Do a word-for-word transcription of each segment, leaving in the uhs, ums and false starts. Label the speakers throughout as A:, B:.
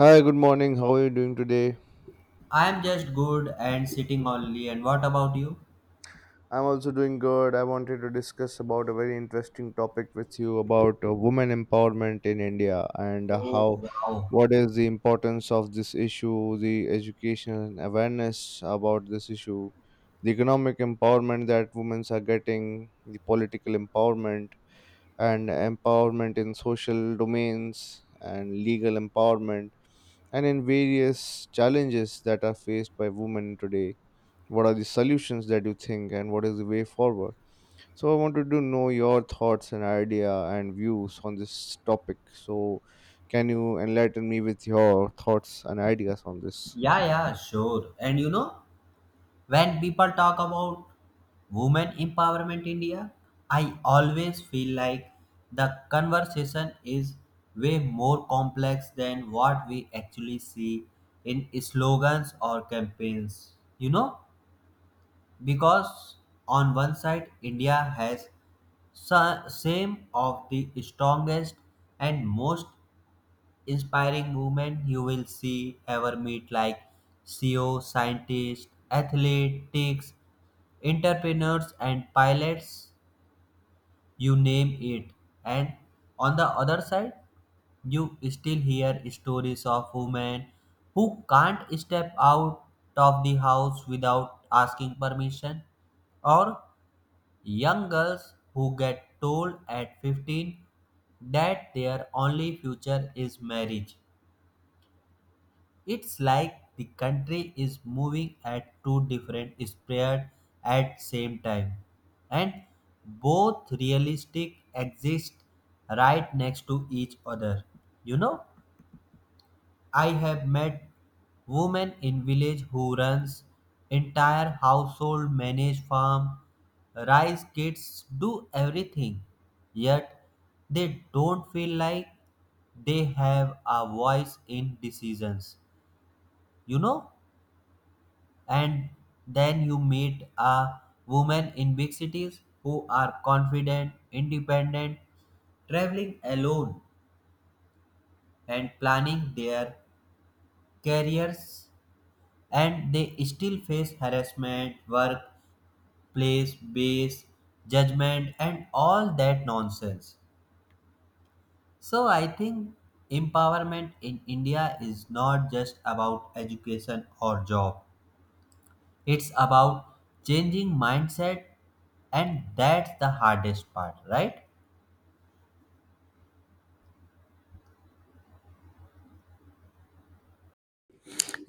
A: Hi, good morning. How are you doing today?
B: I'm just good and sitting only. And what about you?
A: I'm also doing good. I wanted to discuss about a very interesting topic with you about uh, women empowerment in India and uh,
B: Oh,
A: how
B: wow.
A: what is the importance of this issue, the education and awareness about this issue, the economic empowerment that women are getting, the political empowerment and empowerment in social domains and legal empowerment and in various challenges that are faced by women today, what are the solutions that you think, and what is the way forward? So, I wanted to know your thoughts and idea and views on this topic. So, can you enlighten me with your thoughts and ideas on this?
B: Yeah, yeah, sure. And you know, when people talk about women empowerment India, I always feel like the conversation is way more complex than what we actually see in slogans or campaigns. You know, because on one side, India has sa- same of the strongest and most inspiring women you will see ever meet like C E O, scientists, athletics, entrepreneurs and pilots, you name it. And on the other side, you still hear stories of women who can't step out of the house without asking permission, or young girls who get told at fifteen that their only future is marriage. It's like the country is moving at two different speeds at same time, and both realistic exist right next to each other. You know, I have met women in village who runs entire household, manage farm, raise kids, do everything. Yet they don't feel like they have a voice in decisions. You know, and then you meet a woman in big cities who are confident, independent, traveling alone and planning their careers, and they still face harassment, work, place, base, judgment and all that nonsense. So I think empowerment in India is not just about education or job. It's about changing mindset, and that's the hardest part, right?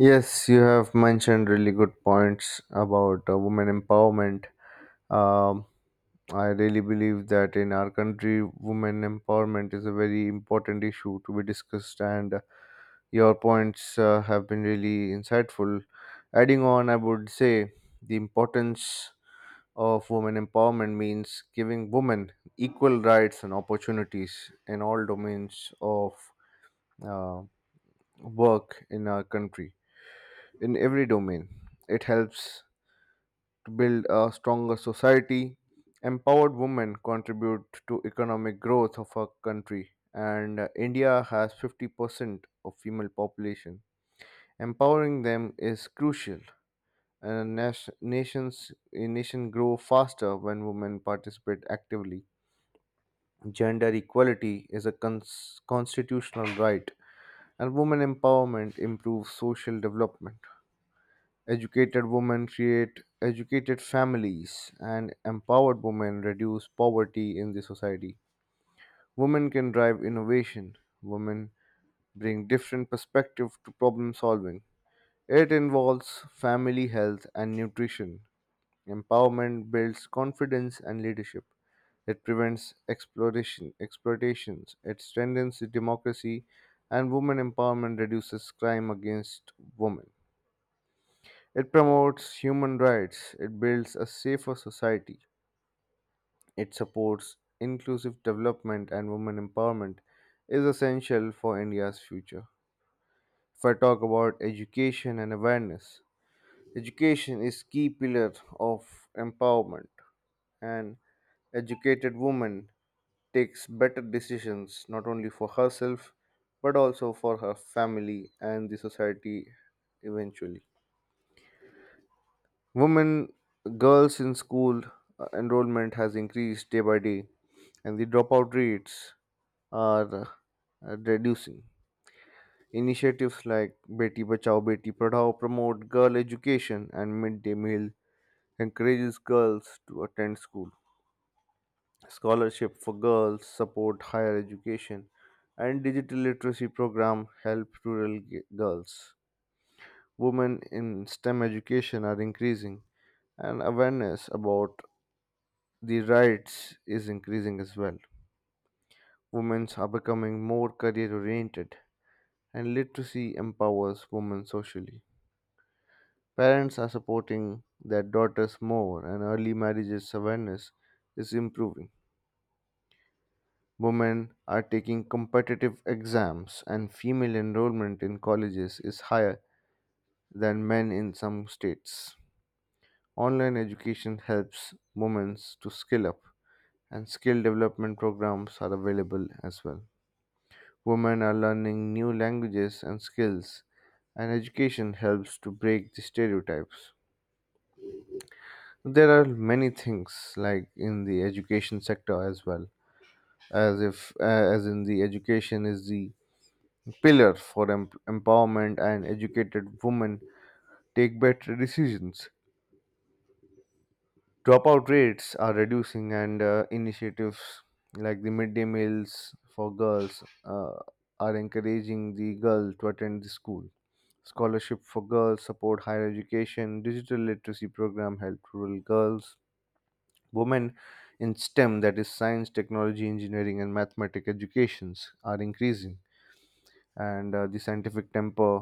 A: Yes, you have mentioned really good points about uh, women empowerment. um, I really believe that in our country women empowerment is a very important issue to be discussed, and your points uh, have been really insightful. Adding on, I would say the importance of women empowerment means giving women equal rights and opportunities in all domains of uh, work in our country, in every domain. It helps to build a stronger society. Empowered women contribute to economic growth of our country, and uh, India has fifty percent of female population. Empowering them is crucial, and a nation, nations a nation grow faster when women participate actively. Gender equality is a cons- constitutional right, and women empowerment improves social development. Educated women create educated families, and empowered women reduce poverty in the society. Women can drive innovation. Women bring different perspective to problem solving. It involves family health and nutrition. Empowerment builds confidence and leadership. It prevents exploitation, exploitations. It strengthens democracy, and women empowerment reduces crime against women. It promotes human rights. It builds a safer society. It supports inclusive development, and women empowerment is essential for India's future. If I talk about education and awareness, education is key pillar of empowerment, and educated women takes better decisions not only for herself but also for her family and the society eventually. Women, girls in school uh, enrollment has increased day by day, and the dropout rates are uh, reducing. Initiatives like Beti Bachao Beti Padhao promote girl education, and midday meal encourages girls to attend school. Scholarship for girls support higher education, and digital literacy program help rural g- girls. Women in STEM education are increasing, and awareness about the rights is increasing as well. Women are becoming more career oriented, and literacy empowers women socially. Parents are supporting their daughters more, and early marriages awareness is improving. Women are taking competitive exams, and female enrollment in colleges is higher than men in some states. Online education helps women to skill up, and skill development programs are available as well. Women are learning new languages and skills, and education helps to break the stereotypes. There are many things like in the education sector as well, as if uh, as in the education is the pillars for em- empowerment, and educated women take better decisions. Dropout rates are reducing, and uh, initiatives like the midday meals for girls uh, are encouraging the girl to attend the school. Scholarship for girls support higher education. Digital literacy program help rural girls. Women in STEM, that is science, technology, engineering, and mathematics educations are increasing, and uh, the scientific temper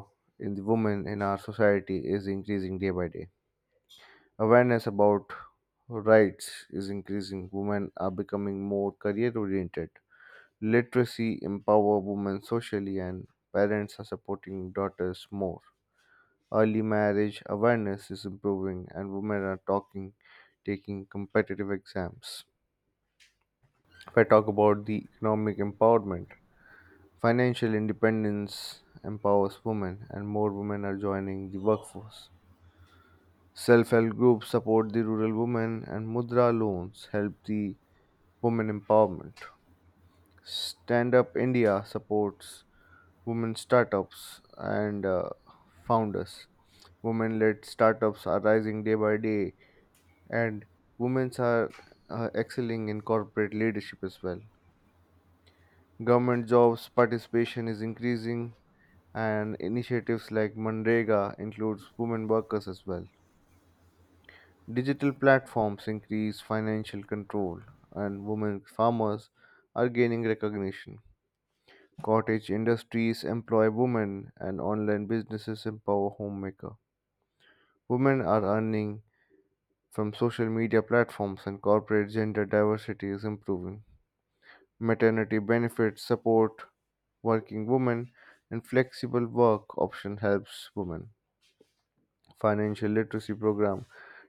A: in the women in our society is increasing day by day. Awareness about rights is increasing. Women are becoming more career oriented. Literacy empower women socially, and parents are supporting daughters more. Early marriage awareness is improving, and women are talking, taking competitive exams. If I talk about the economic empowerment, financial independence empowers women, and more women are joining the workforce. Self help groups support the rural women, and Mudra loans help the women empowerment. Stand Up India supports women startups and uh, founders. Women led startups are rising day by day, and women are uh, excelling in corporate leadership as well. Government jobs participation is increasing, and initiatives like Mandrega includes women workers as well. Digital platforms increase financial control, and women farmers are gaining recognition. Cottage industries employ women, and online businesses empower homemaker. Women are earning from social media platforms, and corporate gender diversity is improving. Maternity benefits support working women, and flexible work option helps women. Financial literacy program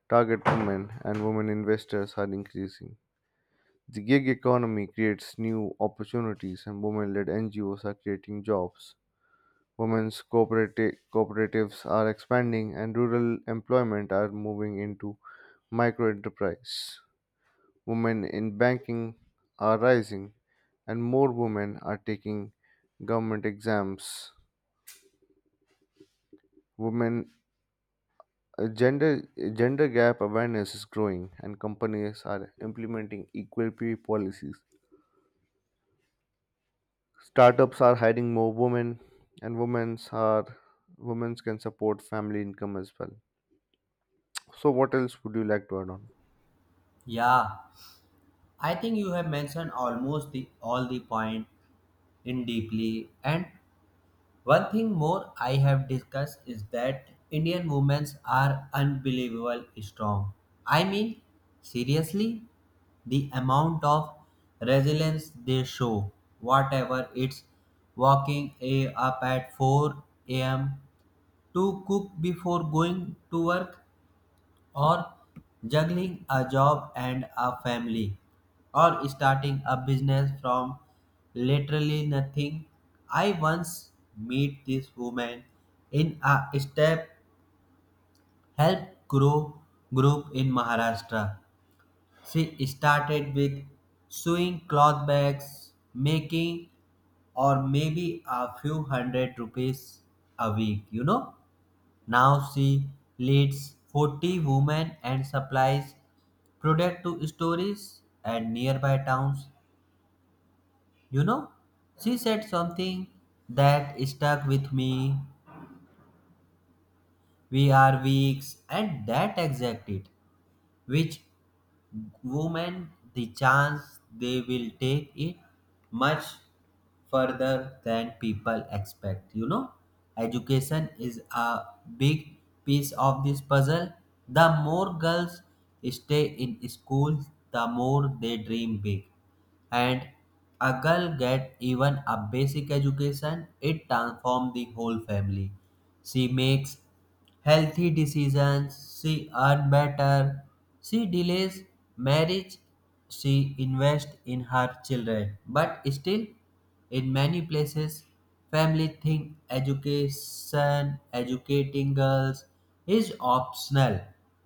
A: target women, and women investors are increasing. The gig economy creates new opportunities, and women-led N G Os are creating jobs. Women's cooperati- cooperatives are expanding, and rural employment are moving into micro enterprise. Women in banking are rising, and more women are taking government exams. Women uh, gender gender gap awareness is growing, and companies are implementing equal pay policies. Startups are hiring more women, and women's are women's can support family income as well. So, what else would you like to add on?
B: Yeah, I think you have mentioned almost the all the point in deeply. And one thing more I have discussed is that Indian women are unbelievable strong. I mean, seriously, the amount of resilience they show, whatever it's walking a, up at four a m to cook before going to work, or juggling a job and a family, or starting a business from literally nothing. I once meet this woman in a step help grow group in Maharashtra. She started with sewing cloth bags, making or maybe a few hundred rupees a week, you know, now she leads forty women and supplies product to stores and nearby towns. You know, she said something that stuck with me. We are weak, and that exact it, which women the chance they will take it much further than people expect. You know, education is a big piece of this puzzle. The more girls stay in school, the more they dream big. And a girl get even a basic education, it transforms the whole family. She makes healthy decisions, she earn better, she delays marriage, she invests in her children. But still, in many places, family think education, educating girls is optional.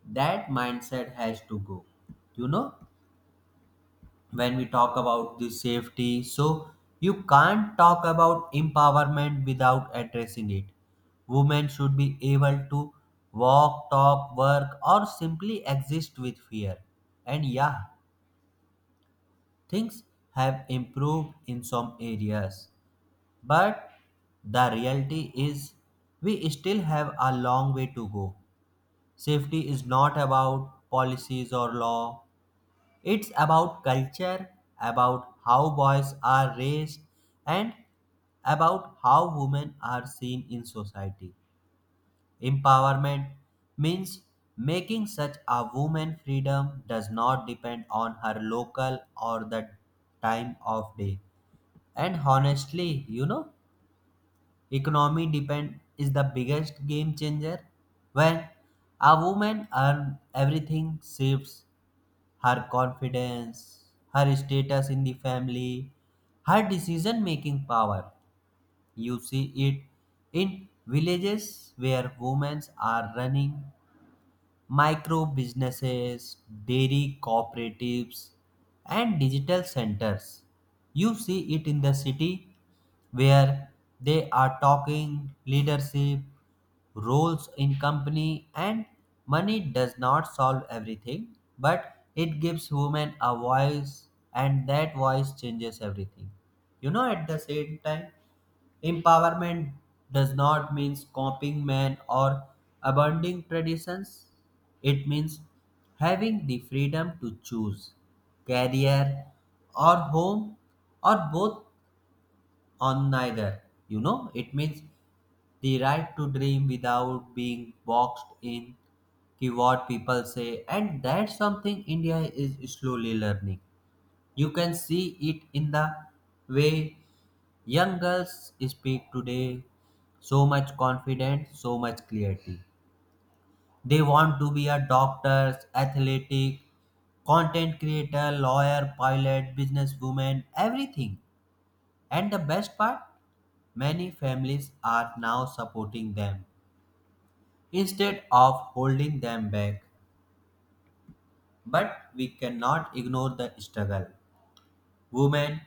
B: That mindset has to go. You know? When we talk about the safety, so you can't talk about empowerment without addressing it. Women should be able to walk, talk, work or simply exist with fear. And yeah, things have improved in some areas, but the reality is we still have a long way to go. Safety is not about policies or law, it's about culture, about how boys are raised, and about how women are seen in society. Empowerment means making such a woman freedom does not depend on her local or the time of day. And honestly, you know, economy depend is the biggest game changer. When a woman earns, everything shifts: her confidence, her status in the family, her decision making power. You see it in villages where women are running micro businesses, dairy cooperatives, and digital centers. You see it in the city where they are talking leadership roles in company, and money does not solve everything, but it gives women a voice, and that voice changes everything. You know, at the same time, empowerment does not mean copying men or abandoning traditions. It means having the freedom to choose career or home or both on neither. You know, it means the right to dream without being boxed in ki what people say, and that's something India is slowly learning. You can see it in the way young girls speak today. So much confidence, so much clarity. They want to be a doctor, athletic, content creator, lawyer, pilot, businesswoman, everything. And the best part, many families are now supporting them instead of holding them back. But we cannot ignore the struggle. Women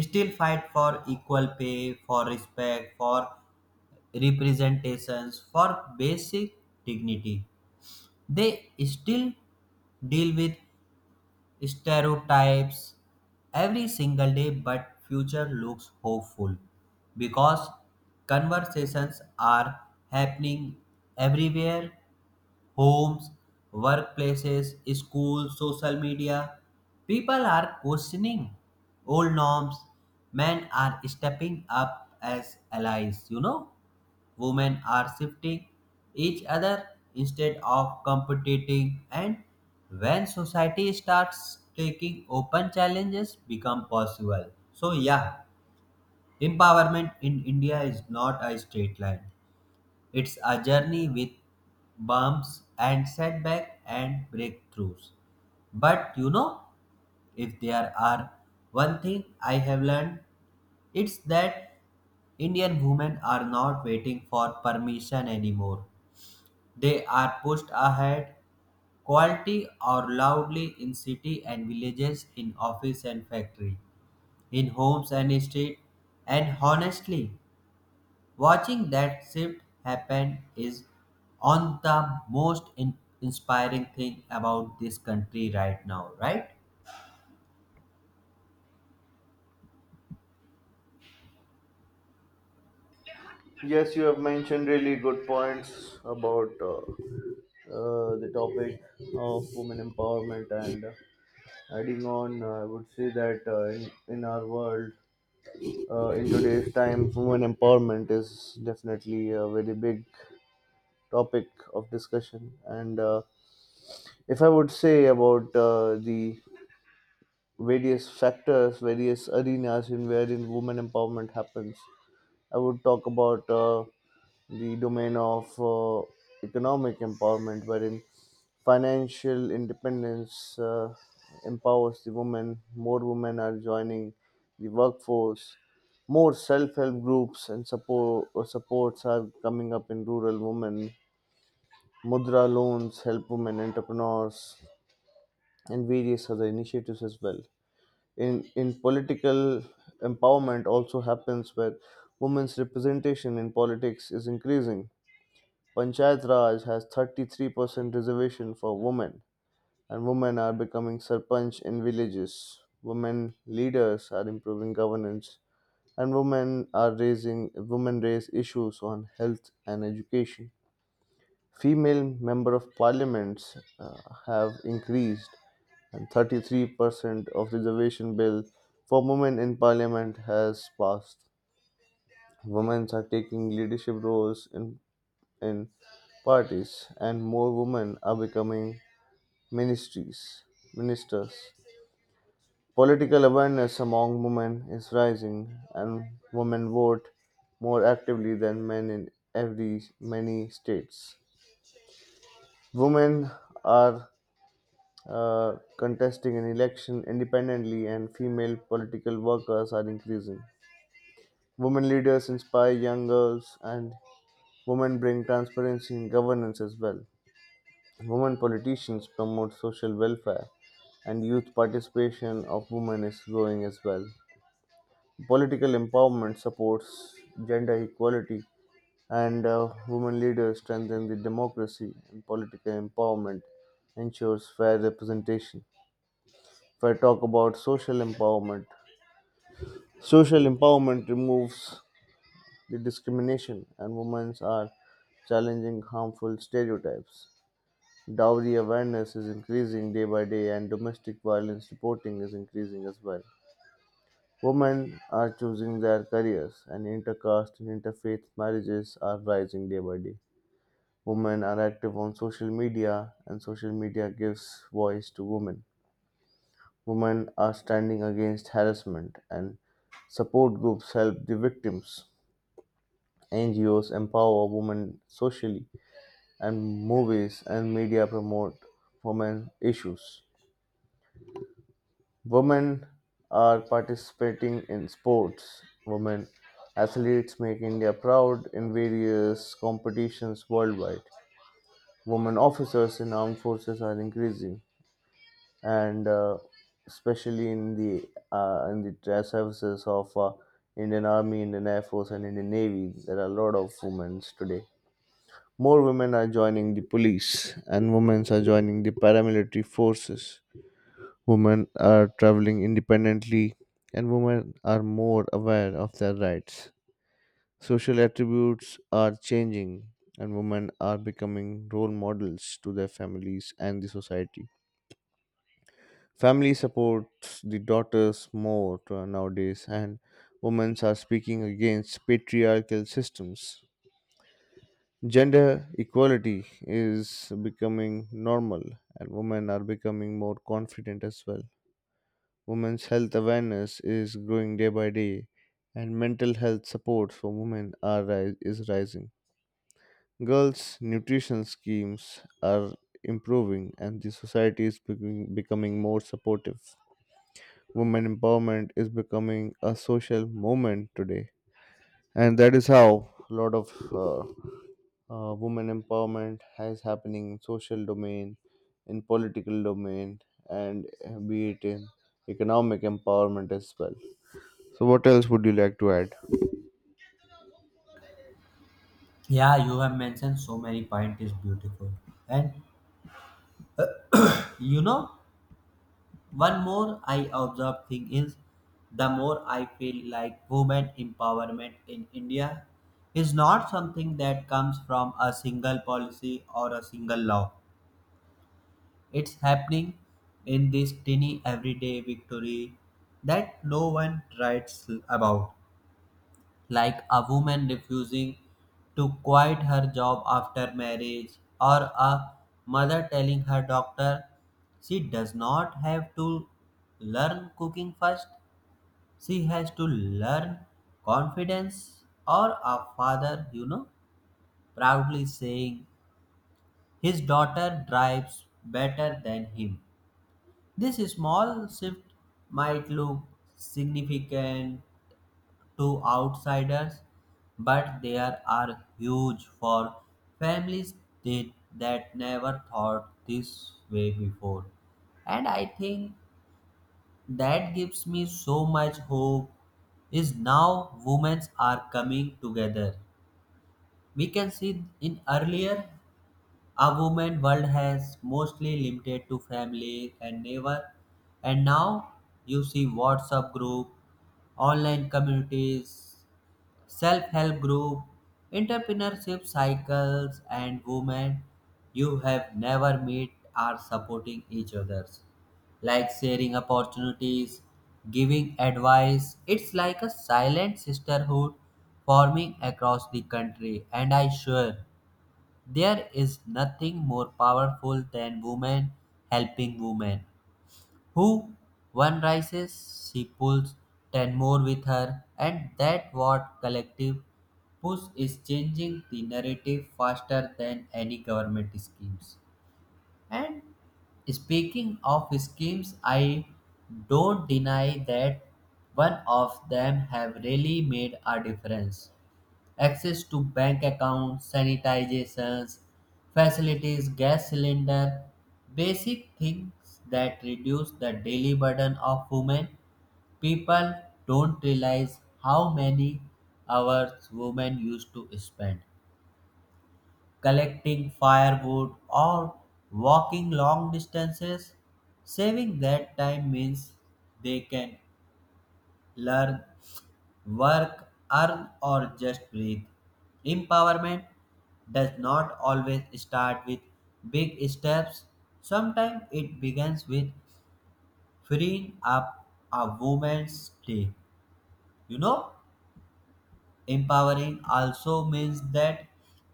B: still fight for equal pay, for respect, for representations, for basic dignity. They still deal with stereotypes every single day, but future looks hopeful because conversations are happening everywhere: homes, workplaces, schools, social media. People are questioning old norms, men are stepping up as allies. You know, women are shifting each other instead of competing, and when society starts taking open challenges, become possible. So yeah, empowerment in India is not a straight line. It's a journey with bumps and setback and breakthroughs. But you know, if there are one thing I have learned, it's that Indian women are not waiting for permission anymore. They are pushed ahead, quietly or loudly, in city and villages, in office and factory, in homes and street. And honestly, watching that shift happen is on the most in- inspiring thing about this country right now, right?
A: Yes, you have mentioned really good points about uh, uh, the topic of women empowerment. And adding on, uh, I would say that uh, in, in our world, uh, in today's time, women empowerment is definitely a very big topic of discussion. And uh, if I would say about uh, the various factors, various arenas in wherein women empowerment happens, I would talk about uh, the domain of uh, economic empowerment, wherein financial independence uh, empowers the women. More women are joining the workforce. More self-help groups and support uh, supports are coming up in rural women. Mudra loans help women entrepreneurs and various other initiatives as well. In in political empowerment also happens where women's representation in politics is increasing. Panchayat Raj has thirty-three percent reservation for women, and women are becoming sarpanch in villages. Women leaders are improving governance, and women are raising women raise issues on health and education. Female member of parliaments uh, have increased, and thirty-three percent of reservation bill for women in parliament has passed. Women are taking leadership roles in in parties, and more women are becoming ministries, ministers. Political awareness among women is rising, and women vote more actively than men in every many states. Women are uh, contesting an election independently, and female political workers are increasing. Women leaders inspire young girls, and women bring transparency in governance as well. Women politicians promote social welfare, and youth participation of women is growing as well. Political empowerment supports gender equality, and uh, women leaders strengthen the democracy, and political empowerment ensures fair representation. If I talk about social empowerment, social empowerment removes the discrimination, and women are challenging harmful stereotypes. Dowry awareness is increasing day by day, and domestic violence reporting is increasing as well. Women are choosing their careers, and intercaste and interfaith marriages are rising day by day. Women are active on social media, and social media gives voice to women. Women are standing against harassment, and support groups help the victims. N G Os empower women socially, and movies and media promote women issues. Women are participating in sports. Women athletes make India proud in various competitions worldwide. Women officers in armed forces are increasing, and uh, especially in the uh, in the tra- services of uh, Indian Army, Indian Air Force, and Indian Navy. There are a lot of women today. More women are joining the police, and women are joining the paramilitary forces. Women are traveling independently, and women are more aware of their rights. Social attributes are changing, and women are becoming role models to their families and the society. Family supports the daughters more to- nowadays, and women are speaking against patriarchal systems. Gender equality is becoming normal, and women are becoming more confident as well. Women's health awareness is growing day by day, and mental health support for women are ri- is rising. Girls' nutrition schemes are improving, and the society is becoming, becoming more supportive. Women empowerment is becoming a social movement today, and that is how a lot of uh, uh, women empowerment is happening in social domain, in political domain, and uh, be it in economic empowerment as well. So, what else would you like to add?
B: Yeah, you have mentioned so many points is beautiful. And you know, one more I observe thing is the more I feel like women empowerment in India is not something that comes from a single policy or a single law. It's happening in this tiny everyday victory that no one writes about, like a woman refusing to quit her job after marriage, or a mother telling her doctor she does not have to learn cooking first, she has to learn confidence, or a father, you know, proudly saying his daughter drives better than him. This small shift might look significant to outsiders, but they are huge for families that, that never thought this way before. And I think that gives me so much hope is now women are coming together. We can see in earlier a woman world has mostly limited to family and neighbor, and now you see WhatsApp group, online communities, self-help group, entrepreneurship cycles, and women you have never met are supporting each other's, like sharing opportunities, giving advice. It's like a silent sisterhood forming across the country, and I sure there is nothing more powerful than women helping women. Who? One rises, she pulls ten more with her, and that what collective push is changing the narrative faster than any government schemes. And speaking of schemes, I don't deny that one of them have really made a difference. Access to bank accounts, sanitizations, facilities, gas cylinder, basic things that reduce the daily burden of women. People don't realize how many hours women used to spend collecting firewood or walking long distances. Saving that time means they can learn, work, earn, or just breathe. Empowerment does not always start with big steps. Sometimes it begins with freeing up a woman's day. You know? Empowering also means that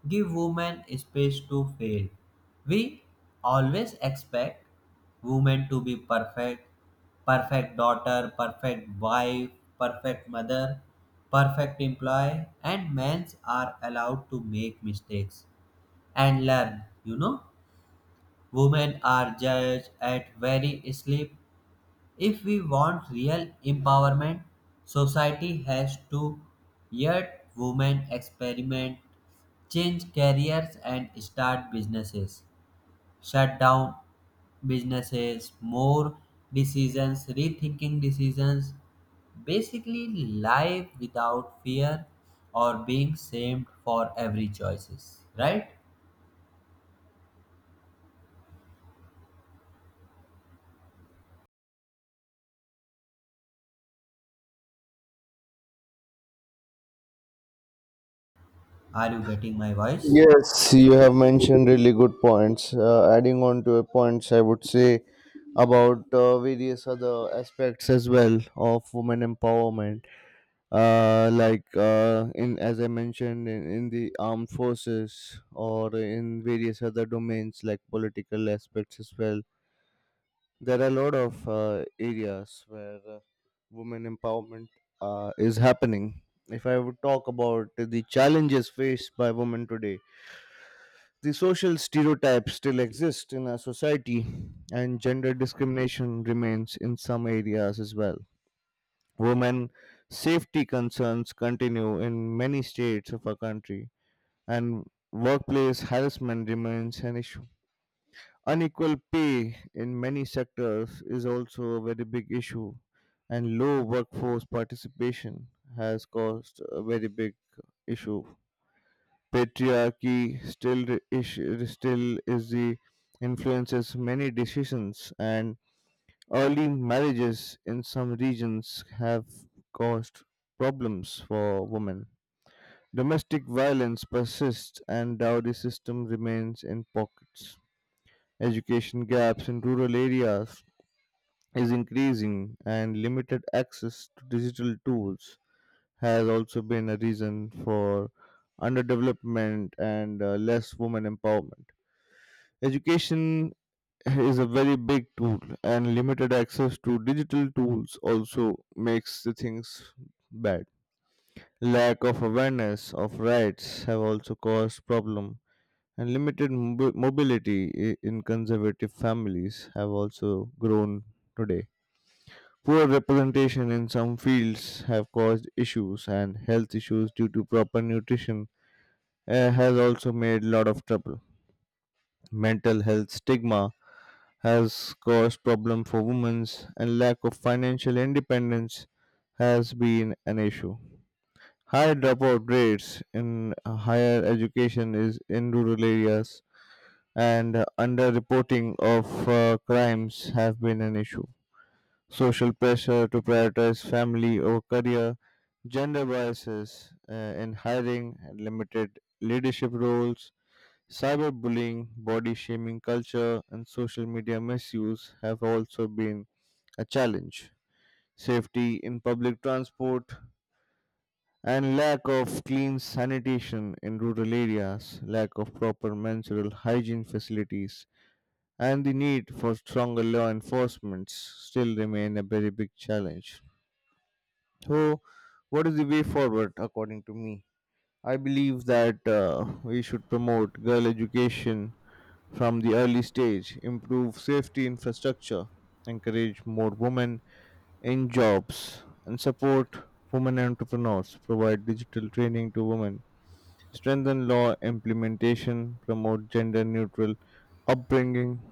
B: give women space to fail. We always expect women to be perfect: perfect daughter, perfect wife, perfect mother, perfect employee, and men are allowed to make mistakes and learn. You know, women are judged at very sleep. If we want real empowerment, society has to let women experiment, change careers, and start businesses, shut down businesses, more decisions, rethinking decisions. Basically, life without fear or being shamed for every choices. Right? Are you getting my voice?
A: Yes, you have mentioned really good points. Uh, adding on to your points, I would say about uh, various other aspects as well of women empowerment. Uh, like uh, in as I mentioned in, in the armed forces or in various other domains like political aspects as well, there are a lot of uh, areas where uh, women empowerment uh, is happening. If I would talk about the challenges faced by women today, the social stereotypes still exist in our society, and gender discrimination remains in some areas as well. Women safety concerns continue in many states of our country, and workplace harassment remains an issue. Unequal pay in many sectors is also a very big issue, and low workforce participation has caused a very big issue. Patriarchy still re- is, still is the influences many decisions, and early marriages in some regions have caused problems for women. Domestic violence persists, and dowry system remains in pockets. Education gaps in rural areas is increasing, and limited access to digital tools has also been a reason for underdevelopment and uh, less women empowerment. Education is a very big tool, and limited access to digital tools also makes the things bad. Lack of awareness of rights have also caused problem, and limited mobi- mobility i- in conservative families have also grown today. Poor representation in some fields have caused issues, and health issues due to proper nutrition uh, has also made a lot of trouble. Mental health stigma has caused problem for women, and lack of financial independence has been an issue. High dropout rates in higher education is in rural areas, and underreporting of uh, crimes have been an issue. Social pressure to prioritize family over career, gender biases uh, in hiring, limited leadership roles, cyberbullying, body shaming culture, and social media misuse have also been a challenge. Safety in public transport and lack of clean sanitation in rural areas, lack of proper menstrual hygiene facilities, and the need for stronger law enforcements still remain a very big challenge. So, what is the way forward, according to me? I believe that uh, we should promote girl education from the early stage, improve safety infrastructure, encourage more women in jobs, and support women entrepreneurs, provide digital training to women, strengthen law implementation, promote gender neutral upbringing,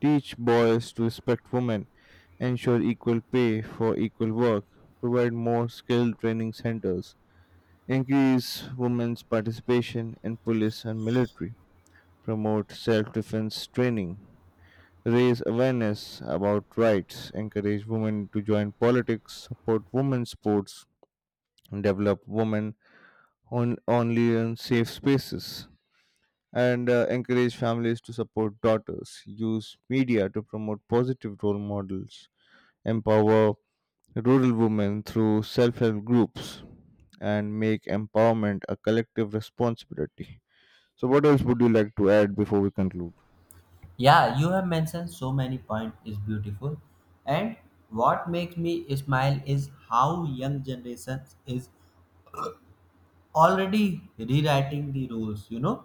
A: teach boys to respect women, ensure equal pay for equal work, provide more skilled training centers, increase women's participation in police and military, promote self defense training, raise awareness about rights, encourage women to join politics, support women's sports, and develop women on, only in safe spaces. And uh, encourage families to support daughters, use media to promote positive role models, empower rural women through self help groups, and make empowerment a collective responsibility. So, what else would you like to add before we conclude?
B: Yeah, you have mentioned so many points is beautiful. And what makes me smile is how young generations is already rewriting the rules, you know.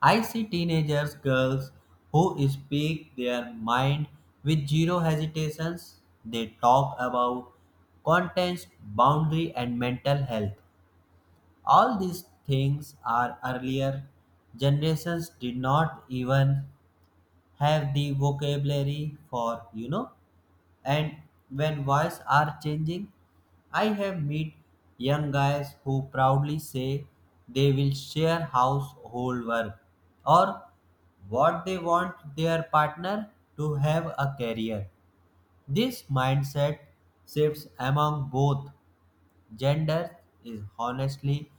B: I see teenagers, girls who speak their mind with zero hesitations. They talk about contents, boundary and mental health. All these things are earlier generations did not even have the vocabulary for, you know. And when voices are changing, I have met young guys who proudly say they will share household work, or what they want their partner to have a career. This mindset shifts among both genders is honestly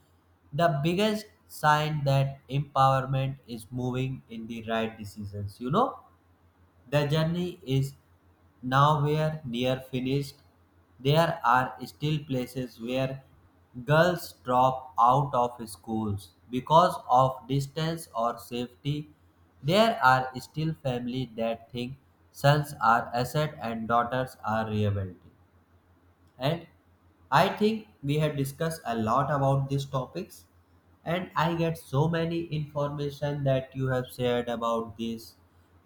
B: the biggest sign that empowerment is moving in the right decisions. You know, the journey is nowhere near finished. There are still places where girls drop out of schools because of distance or safety. There are still families that think sons are asset and daughters are liability. And I think we had discussed a lot about these topics, and I get so many information that you have shared about this.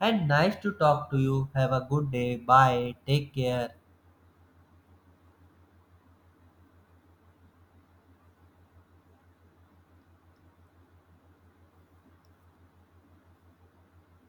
B: And nice to talk to you. Have a good day. Bye, take care.